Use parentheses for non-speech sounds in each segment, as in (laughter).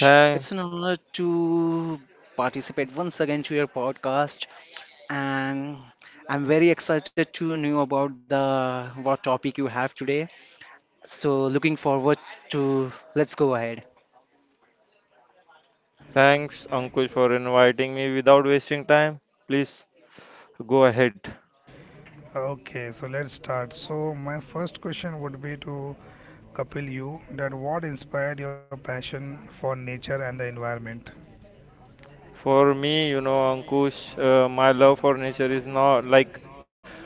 Thank, thanks, Ankush, for inviting me without wasting time. Please go ahead. For me, you know, Ankush, my love for nature is not like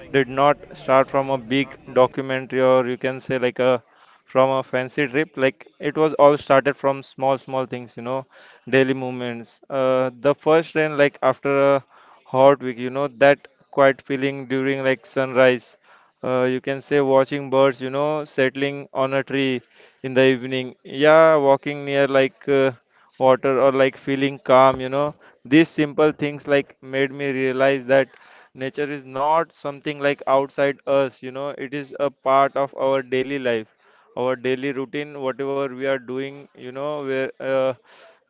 did not start from a big documentary, or you can say like a from a fancy trip. Like it was all started from small, small things, you know, daily movements. The first rain, like after a hot week, you know, that quiet feeling during like sunrise. You can say watching birds, you know, settling on a tree in the evening. Yeah, walking near like water, or like feeling calm, you know, these simple things like made me realize that nature is not something like outside us, you know, it is a part of our daily life, our daily routine, whatever we are doing, you know, where uh,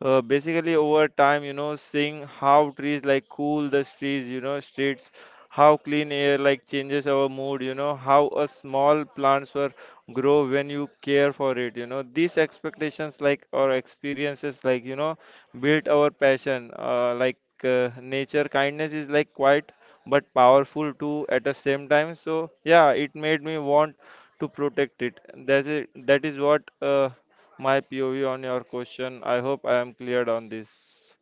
uh, basically over time, you know, seeing how trees like cool the streets, how clean air like changes our mood, you know, how a small plants were grow when you care for it, you know, these expectations like or experiences like, you know, built our passion. Nature kindness is like quiet but powerful too at the same time. So yeah, it made me want to protect it. That's it. That is what my POV on your question. I hope I am cleared on this.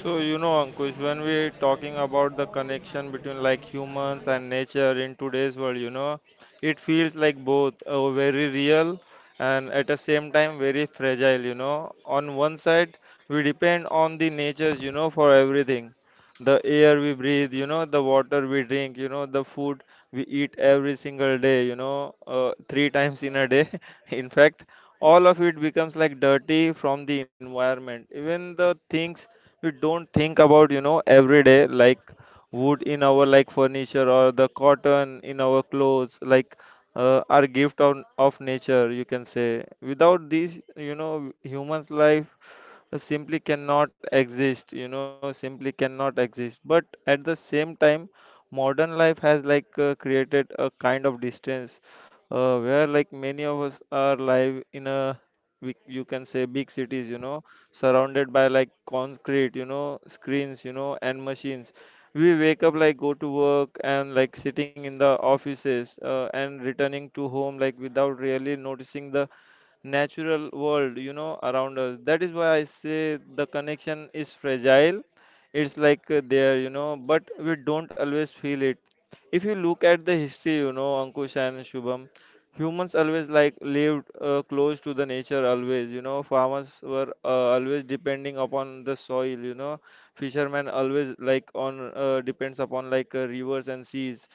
So, you know, Ankush, when we're talking about the connection between like humans and nature in today's world, you know, it feels like both very real and at the same time very fragile, you know. On one side, we depend on the natures, you know, for everything. The air we breathe, you know, the water we drink, you know, the food we eat every single day, you know, three (laughs) times in a day, (laughs) in fact. All of it becomes like dirty from the environment. Even the things we don't think about, you know, every day, like wood in our like furniture, or the cotton in our clothes, like our gift of nature, you can say. Without these, you know, human's life simply cannot exist, but at the same time modern life has like created a kind of distance, where like many of us are live in a you can say big cities, you know, surrounded by like concrete, you know, screens, you know, and machines. We wake up, like go to work, and like sitting in the offices, and returning to home like without really noticing the natural world, you know, around us. That is why I say the connection is fragile. It's like there, you know, but we don't always feel it. If you look at the history, you know, Ankush and Shubham, humans always like lived close to the nature always, you know. Farmers were always depending upon the soil, you know, fishermen always like on depends upon like rivers and seas,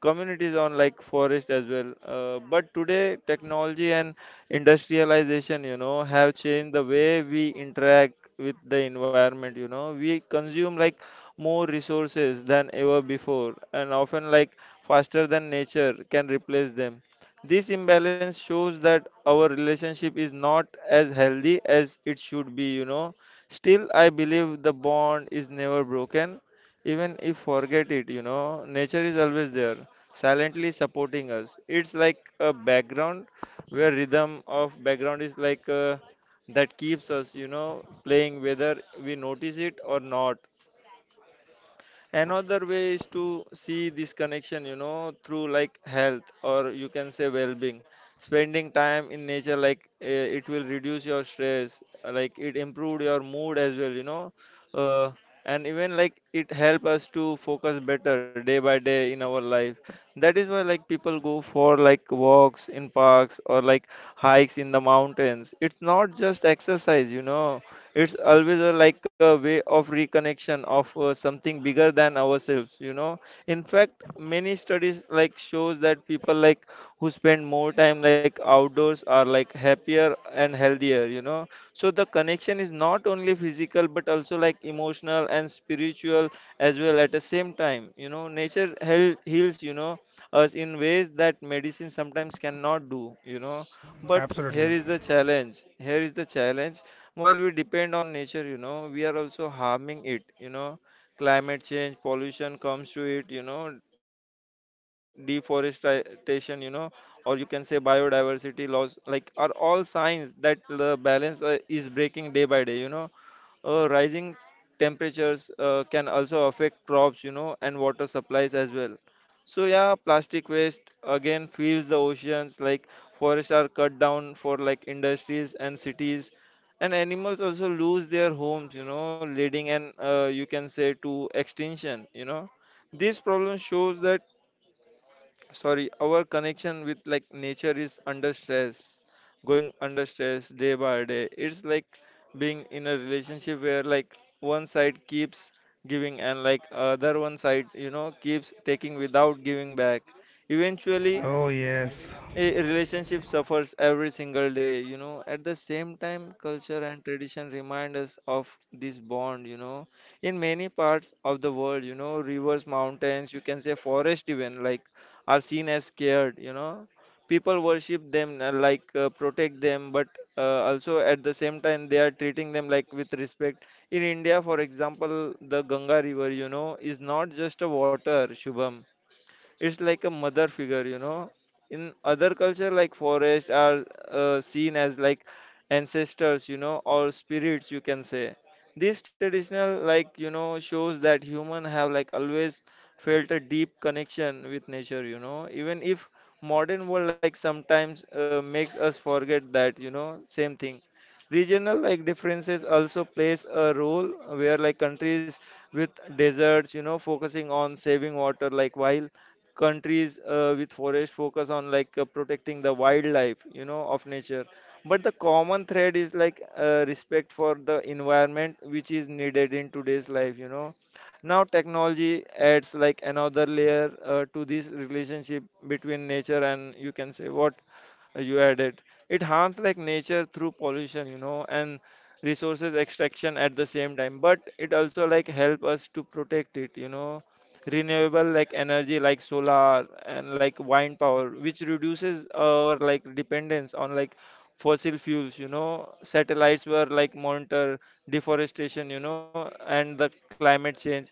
communities on like forest as well. But today technology and industrialization, you know, have changed the way we interact with the environment, you know, we consume like more resources than ever before, and often like faster than nature can replace them. This imbalance shows that our relationship is not as healthy as it should be, you know. Still, I believe the bond is never broken. Even if forget it, you know, nature is always there silently supporting us. It's like a background, where rhythm of background is like that keeps us, you know, playing whether we notice it or not. Another way is to see this connection, you know, through like health, or you can say well being. Spending time in nature, it will reduce your stress, like it improved your mood as well, you know, uh, and even like it help us to focus better day by day in our life. That is why like people go for like walks in parks, or like hikes in the mountains. It's not just exercise, you know, it's always like a way of reconnection of something bigger than ourselves, you know. In fact, many studies like shows that people like who spend more time like outdoors are like happier and healthier, you know. So the connection is not only physical, but also like emotional and spiritual as well at the same time, you know. Nature heals, you know, us in ways that medicine sometimes cannot do, you know. But here is the challenge, while we depend on nature, you know, we are also harming it, you know. Climate change, pollution comes to it, you know, deforestation, you know, or you can say biodiversity loss, like are all signs that the balance is breaking day by day, you know. Rising temperatures can also affect crops, you know, and water supplies as well. So yeah, plastic waste again fills the oceans. Like forests are cut down for like industries and cities, and animals also lose their homes, you know, leading and you can say to extinction, you know. This problem shows that, sorry, our connection with like nature is under stress day by day. It's like being in a relationship where like one side keeps giving, and like other one side, you know, keeps taking without giving back. Eventually, a relationship suffers every single day, you know. At the same time culture and tradition remind us of this bond, you know. In many parts of the world, you know, rivers, mountains, you can say forest even like are seen as scared, you know. People worship them, protect them, but also at the same time they are treating them like with respect. In India, for example, the Ganga river, you know, is not just a water, Shubham, it's like a mother figure, you know. In other culture, like forests are seen as like ancestors, you know, or spirits, you can say. This traditional like, you know, shows that human have like always felt a deep connection with nature, you know, even if modern world like sometimes makes us forget that, you know. Same thing, regional like differences also plays a role, where like countries with deserts, you know, focusing on saving water, like while countries with forest focus on like protecting the wildlife, you know, of nature. But the common thread is like respect for the environment, which is needed in today's life, you know. Now technology adds like another layer to this relationship between nature and you can say what you added. It harms like nature through pollution, you know, and resources extraction at the same time, but it also like help us to protect it, you know. Renewable like energy, like solar and like wind power, which reduces our like dependence on like fossil fuels, you know. Satellites were like monitor deforestation, you know, and the climate change.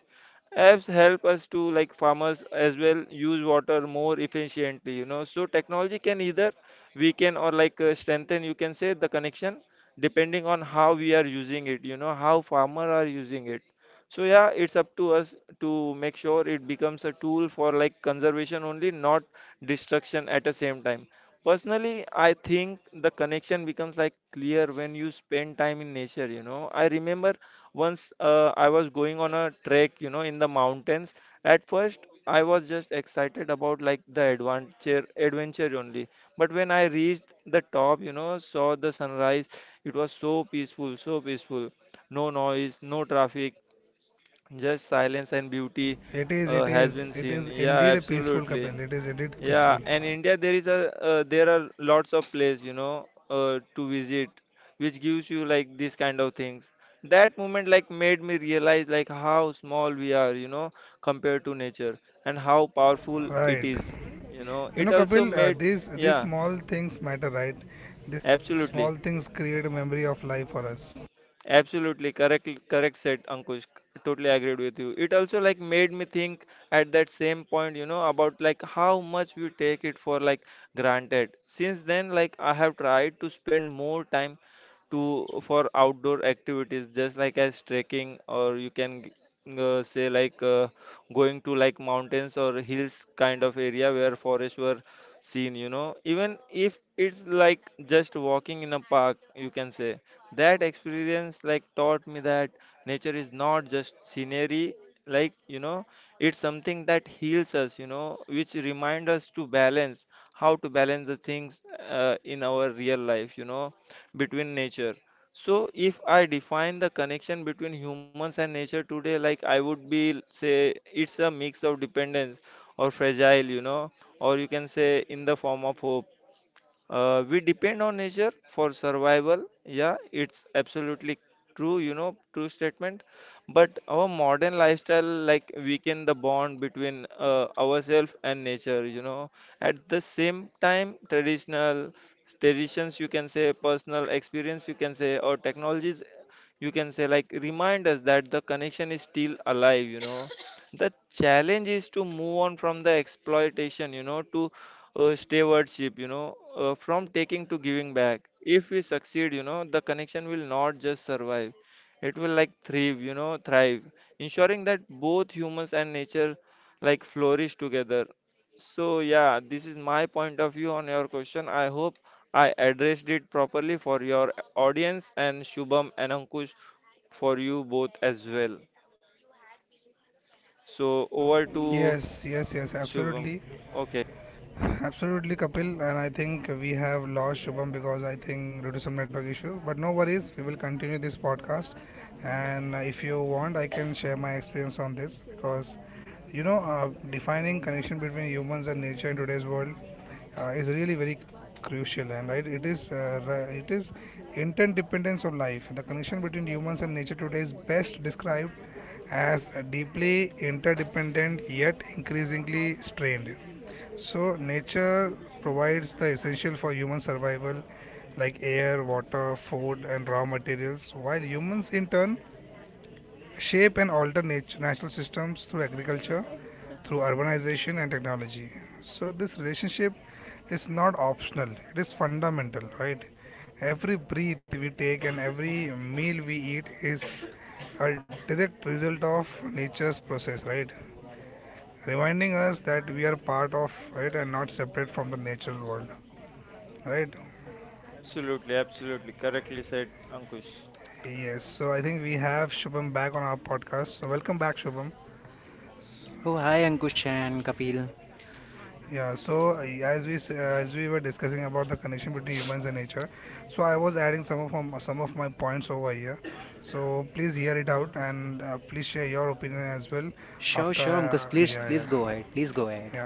Apps help us to like farmers as well use water more efficiently, you know. So technology can either weaken, or like strengthen, you can say, the connection, depending on how we are using it, you know, how farmer are using it. So yeah, it's up to us to make sure it becomes a tool for like conservation only, not destruction at the same time. Personally, I think the connection becomes like clear when you spend time in nature, you know. I remember once I was going on a trek, you know, in the mountains. At first, I was just excited about like the adventure only. But when I reached the top, you know, saw the sunrise, it was so peaceful, no noise, no traffic, just silence and beauty has been seen. Yeah, absolutely. Yeah, and India there is a there are lots of places, you know, to visit, which gives you like this kind of things. That moment like made me realize like how small we are, you know, compared to nature, and how powerful it is. You know, it also made, yeah, absolutely. Absolutely correct said Ankush. Totally agreed with you. It also like made me think at that same point, you know, about like how much we take it for like granted. Since then, like I have tried to spend more time to for outdoor activities, just like as trekking, or say like going to like mountains or hills kind of area where forests were seen, you know. Even if it's like just walking in a park, you can say. That experience like taught me that nature is not just scenery, like you know, it's something that heals us, you know, which remind us to balance how to balance the things in our real life, you know, between nature. So if I define the connection between humans and nature today, like I would be say it's a mix of dependence or fragile, or you can say in the form of hope we depend on nature for survival. Yeah, it's absolutely true, true statement. But our modern lifestyle, like, weaken the bond between ourselves and nature. At the same time, traditional traditions, you can say, personal experience, you can say, or technologies, you can say, like, remind us that the connection is still alive. The challenge is to move on from the exploitation, to stewardship, from taking to giving back. If we succeed, the connection will not just survive; it will like thrive, thrive, ensuring that both humans and nature like flourish together. So yeah, this is my point of view on your question. I hope I addressed it properly for your audience and Shubham and Ankush for you both as well. So over to Shubham. Okay. Absolutely, absolutely. Correctly said, Ankush. Oh, hi Ankush and Kapil. Sure, sure, Ankush, please, please go ahead. Please go ahead.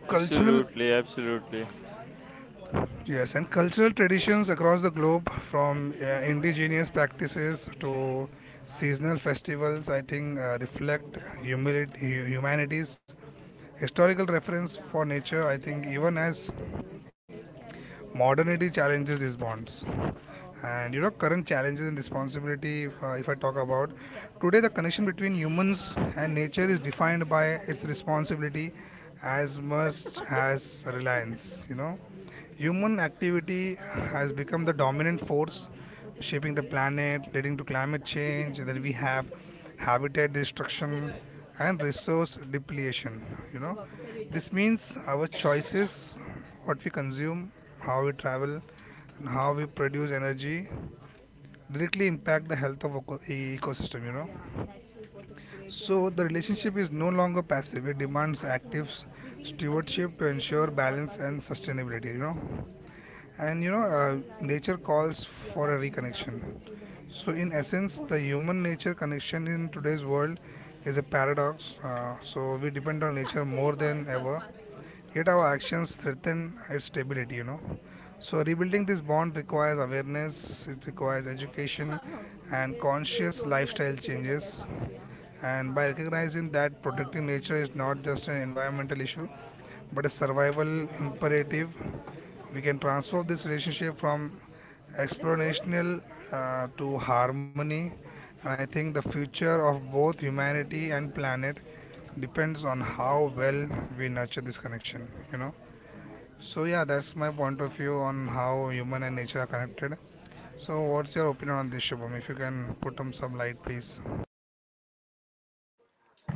Absolutely, absolutely.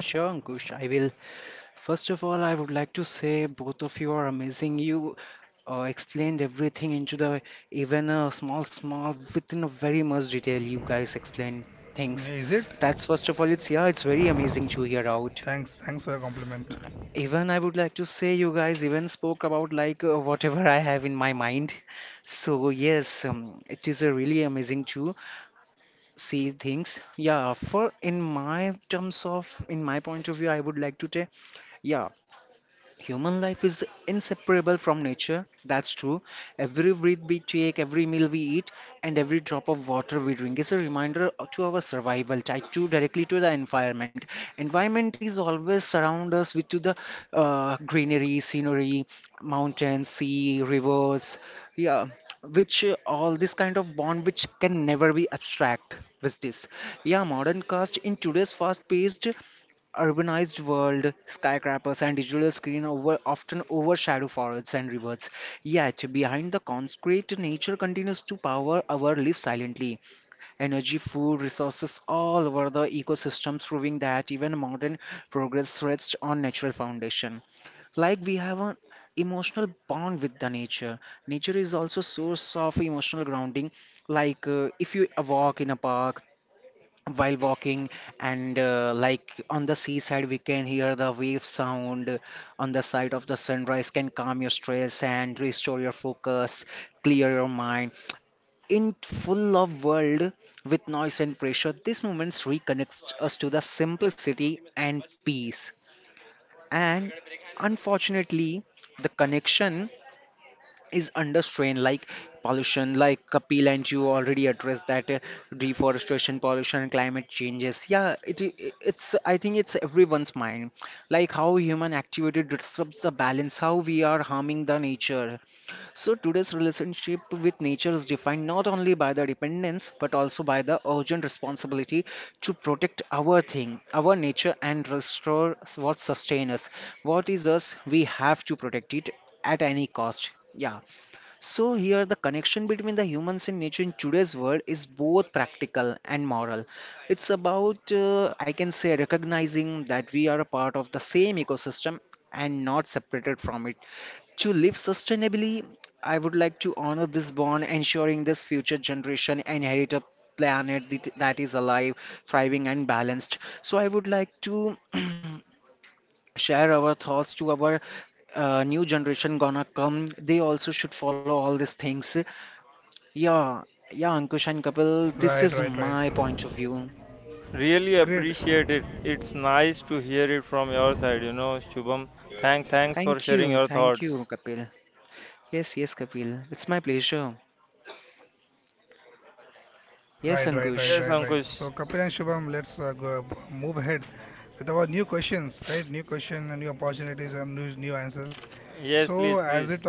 Sure, Ankush, I will. First of all, I would like to say both of you are amazing. You explained everything into the even a small, small within a very much detail. You guys explained things. That's first of all, it's yeah, it's very amazing to hear out. Even I would like to say you guys even spoke about like whatever I have in my mind. So yes, it is a really amazing too. See things, yeah, for in my terms of in my point of view I would like to say, yeah, human life is inseparable from nature. That's true. Every breath we take, every meal we eat, and every drop of water we drink is a reminder to our survival, tied to directly to the environment. Environment is always surround us with to the greenery, scenery, mountains, sea, rivers. Yeah, which all this kind of bond which can never be abstract with this. Yeah, modern cast in today's fast-paced urbanized world, skyscrapers and digital screen over often overshadow forests and rivers. Yet, behind the concrete, nature continues to power our lives silently. Energy, food, resources all over the ecosystem, proving that even modern progress rests on natural foundation. Like we have an emotional bond with the nature. Nature is also source of emotional grounding. Like if you walk in a park while walking and like on the seaside we can hear the wave sound on the side of the sunrise can calm your stress and restore your focus, clear your mind in full of world with noise and pressure. These moments reconnect us to the simplicity and peace. And unfortunately, the connection is under strain, like pollution, like Kapil and you already addressed that, deforestation, pollution, climate changes, yeah, it's, I think it's everyone's mind, like how human activity disrupts the balance, how we are harming the nature. So today's relationship with nature is defined not only by the dependence but also by the urgent responsibility to protect our thing, our nature, and restore what sustains us. What is us, we have to protect it at any cost. Yeah. So here the connection between the humans and nature in today's world is both practical and moral. It's about I can say recognizing that we are a part of the same ecosystem and not separated from it. To live sustainably, I would like to honor this bond, ensuring this future generation inherit a planet that is alive, thriving and balanced. So I would like to (clears throat) share our thoughts to our new generation gonna come. They also should follow all these things, yeah. Yeah, Ankush and Kapil, this is my point of view. Really appreciate it. It's nice to hear it from your side, Shubham. Thanks for sharing your Thank you, thoughts. Kapil. Yes, yes, Kapil, it's my pleasure. Yes, So Ankush. yes, Ankush. Yes, please, please.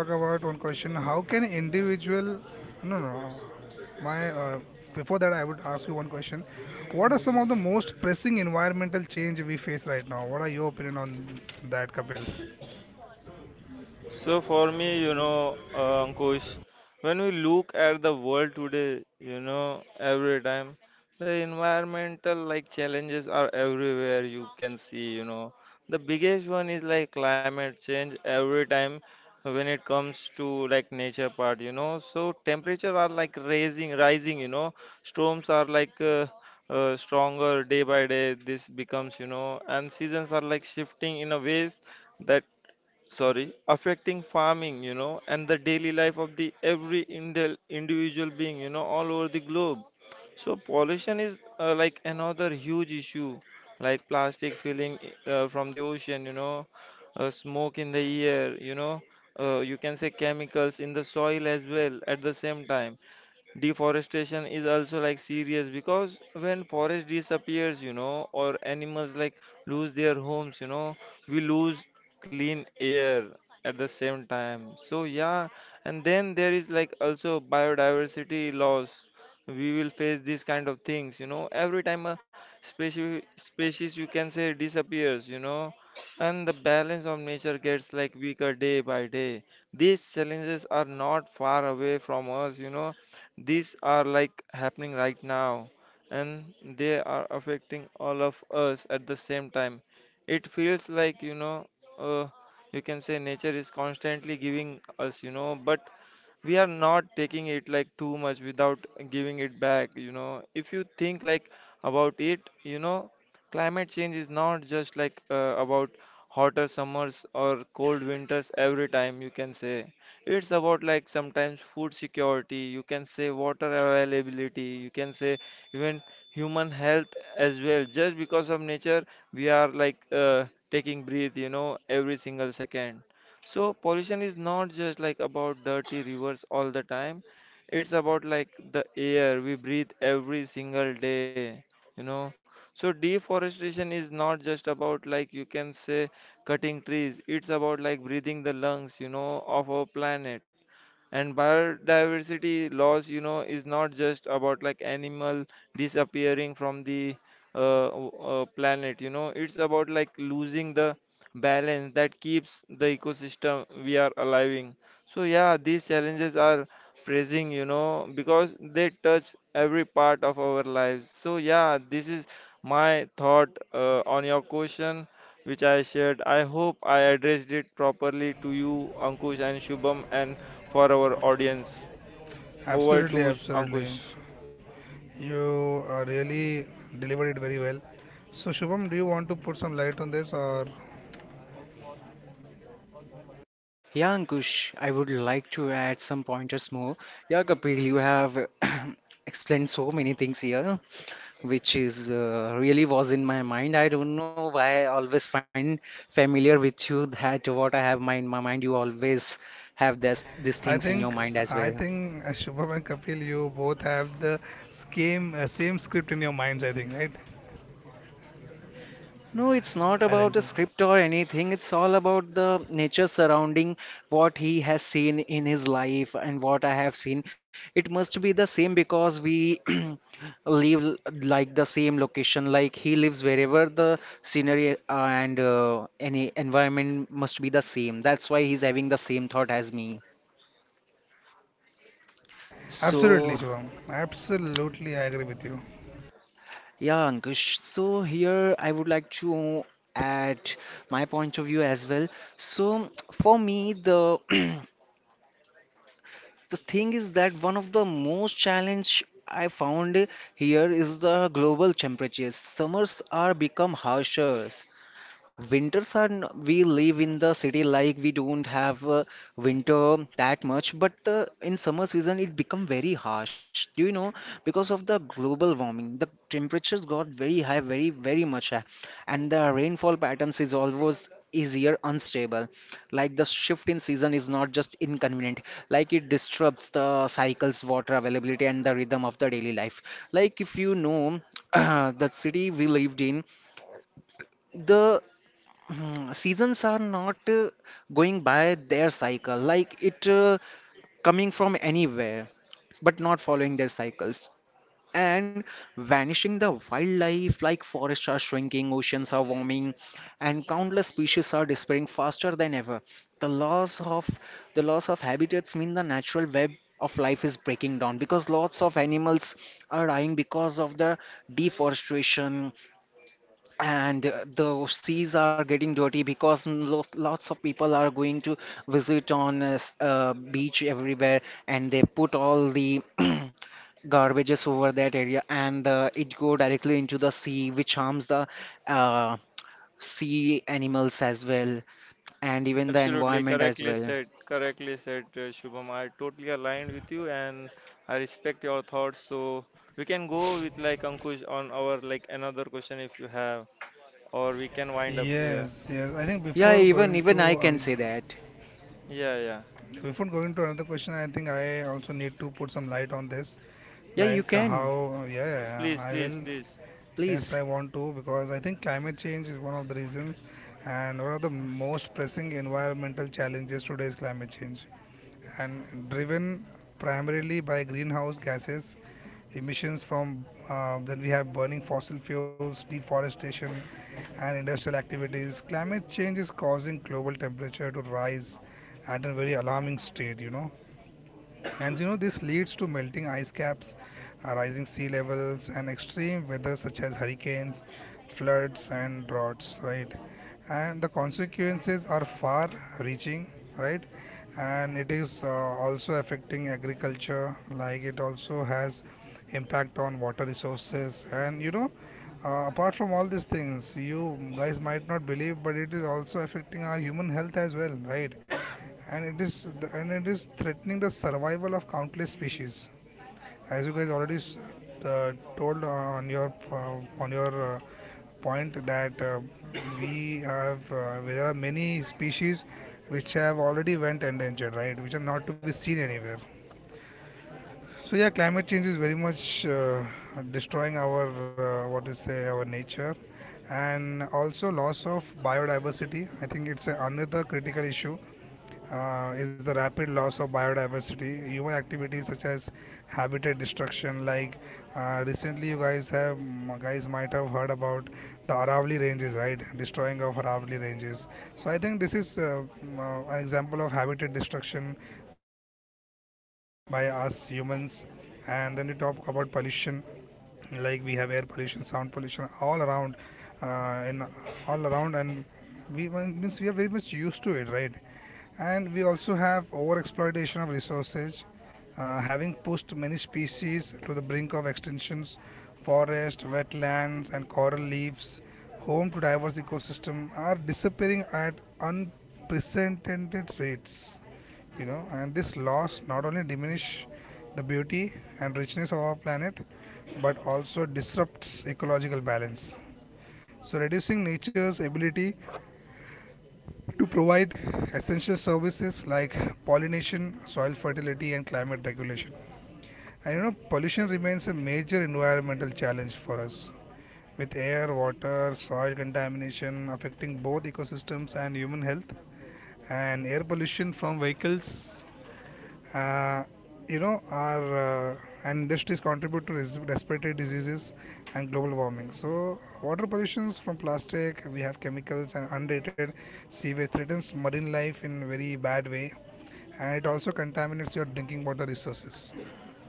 So for me, Ankush, when we look at the world today, every time the environmental like challenges are everywhere you can see. The biggest one is like climate change every time when it comes to like nature part. So temperature are like raising, rising. Storms are like stronger day by day. This becomes, and seasons are like shifting in a ways that sorry affecting farming and the daily life of the every individual being all over the globe. So pollution is like another huge issue, like plastic filling from the ocean, smoke in the air, you can say chemicals in the soil as well. At the same time, deforestation is also like serious because when forest disappears or animals like lose their homes we lose clean air at the same time. So yeah, and then there is like also biodiversity loss. We will face these kind of things every time a species you can say disappears and the balance of nature gets like weaker day by day. These challenges are not far away from us, you know these are like happening right now, and they are affecting all of us at the same time. It feels likeuh, you can say nature is constantly giving us, but we are not taking it like too much without giving it back. If you think like about it. Climate change is not just like about hotter summers or cold winters every time, you can say it's about like sometimes food security, you can say water availability, you can say even human health as well. Just because of nature, we are like taking breath, every single second. So pollution is not just like about dirty rivers all the time. It's about like the air we breathe every single day, you know. So deforestation is not just about like, you can say, cutting trees. It's about like breathing the lungs, of our planet. And biodiversity loss, is not just about like animal disappearing from the planet, it's about like losing the balance that keeps the ecosystem we are allowing. So yeah, these challenges are pressing, because they touch every part of our lives. So yeah, this is my thought on your question which I shared. I hope I addressed it properly to you, Ankush and Shubham, and for our audience. Over to Ankush. Yeah, Ankush, I would like to add some pointers more. Yeah, Kapil, you have (coughs) (clears throat) explained so many things here, which is really was in my mind. I don't know why I always find familiar with you that what I have my in my mind, you always have this these things in your mind as well. No, it's not about a script or anything. It's all about the nature surrounding what he has seen in his life and what I have seen. It must be the same because we (clears throat) live like the same location. Like he lives wherever the scenery and any environment must be the same. That's why he's having the same thought as me. So, yeah, Ankush. So, here I would like to add my point of view as well. So, for me, the (clears throat) the thing is that one of the most challenge I found here is the global temperatures. Summers are become harsher, winters are we live in the city, like we don't have winter that much, but in summer season it become very harsh. Do you know because of the global warming, the temperatures got very high, very very much high, and the rainfall patterns is always easier unstable. Like the shift in season is not just inconvenient, like it disrupts the cycles, water availability, and the rhythm of the daily life. Like if you know (clears throat) the city we lived in the hmm, seasons are not going by their cycle, like it coming from anywhere but not following their cycles, and vanishing the wildlife, like forests are shrinking, oceans are warming, and countless species are disappearing faster than ever. the loss of the loss of habitats mean the natural web of life is breaking down because lots of animals are dying because of the deforestation. And the seas are getting dirty because lots of people are going to visit on a beach everywhere, and they put all the (clears throat) garbages over that area, and it go directly into the sea which harms the uh, sea animals as well, and even the Absolutely, environment as well. Correctly said, Shubham. I totally aligned with you and I respect your thoughts. So we can go with like Ankush on our like another question if you have, or we can wind up here. Yeah, even I can say that, Yeah, yeah. yeah, you can Yes, please, please, please. please.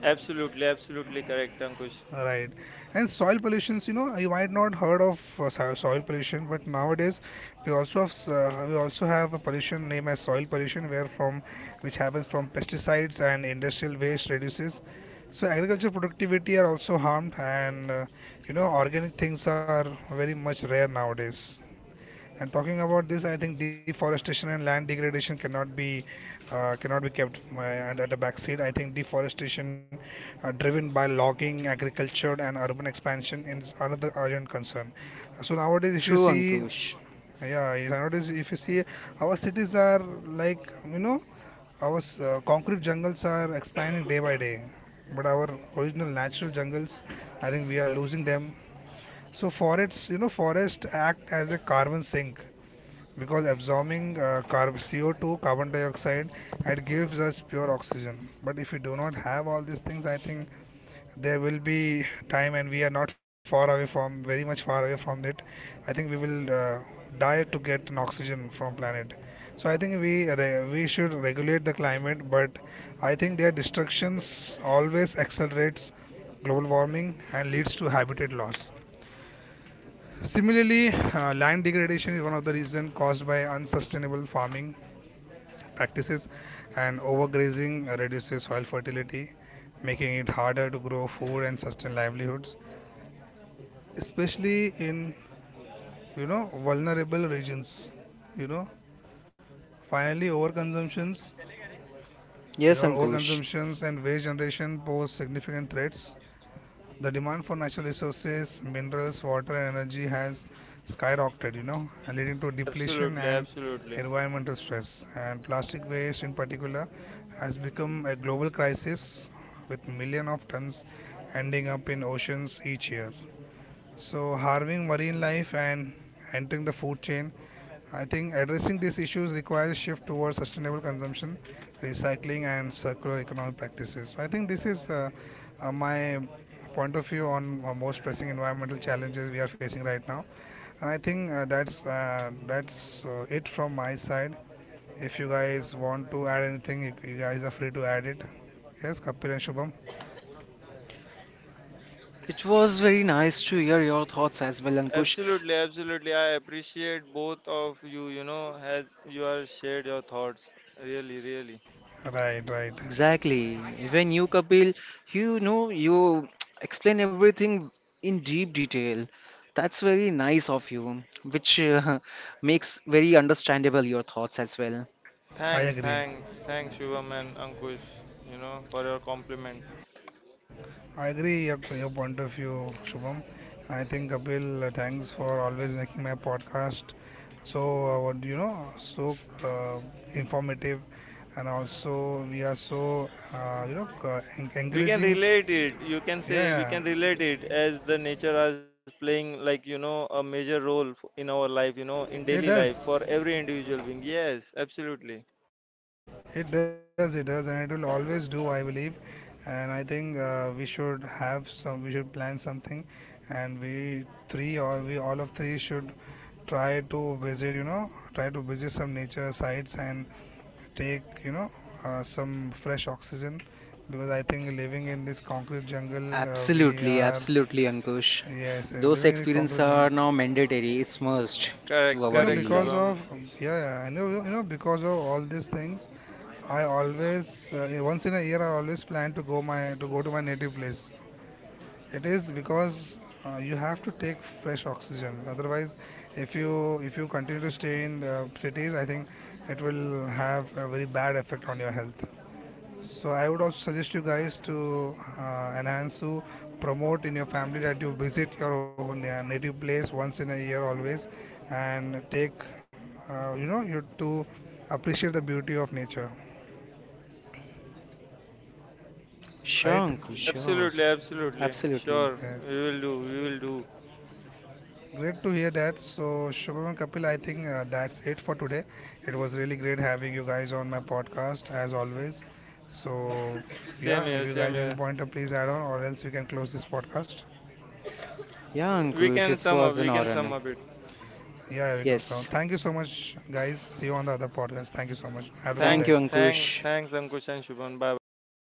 Absolutely, absolutely correct, Ankush. True, Ankush. Yes, Ankush, Absolutely, absolutely. it was very nice to hear your thoughts as well, Ankush. Absolutely, absolutely. I appreciate both of you, as you are shared your thoughts. Really, really. Exactly. Even you, Kapil, you know, you (tsk) explain everything in deep detail. That's very nice of you, which (laughs) makes very understandable your thoughts as well. Thanks, thanks, thanks, Shubham and Ankush, for your compliment. We can relate it. You can say we can relate it as the nature is playing, like, a major role in our life, in daily life for every individual being. Yes, absolutely. Absolutely, absolutely, Ankush. Those experiences are now mandatory. It's must Correct, to our correct, daily life. Shubham. Sure, Ankush, sure. Absolutely, absolutely. Absolutely. Sure, we will do, we will do. Same here, same here. Yeah, We Ankush, can it sum up. was We an can sum honor. up it. Yes. Thank Thanks, you, thanks, Ankush. thanks, Ankush and Shubham. Bye bye. Take care.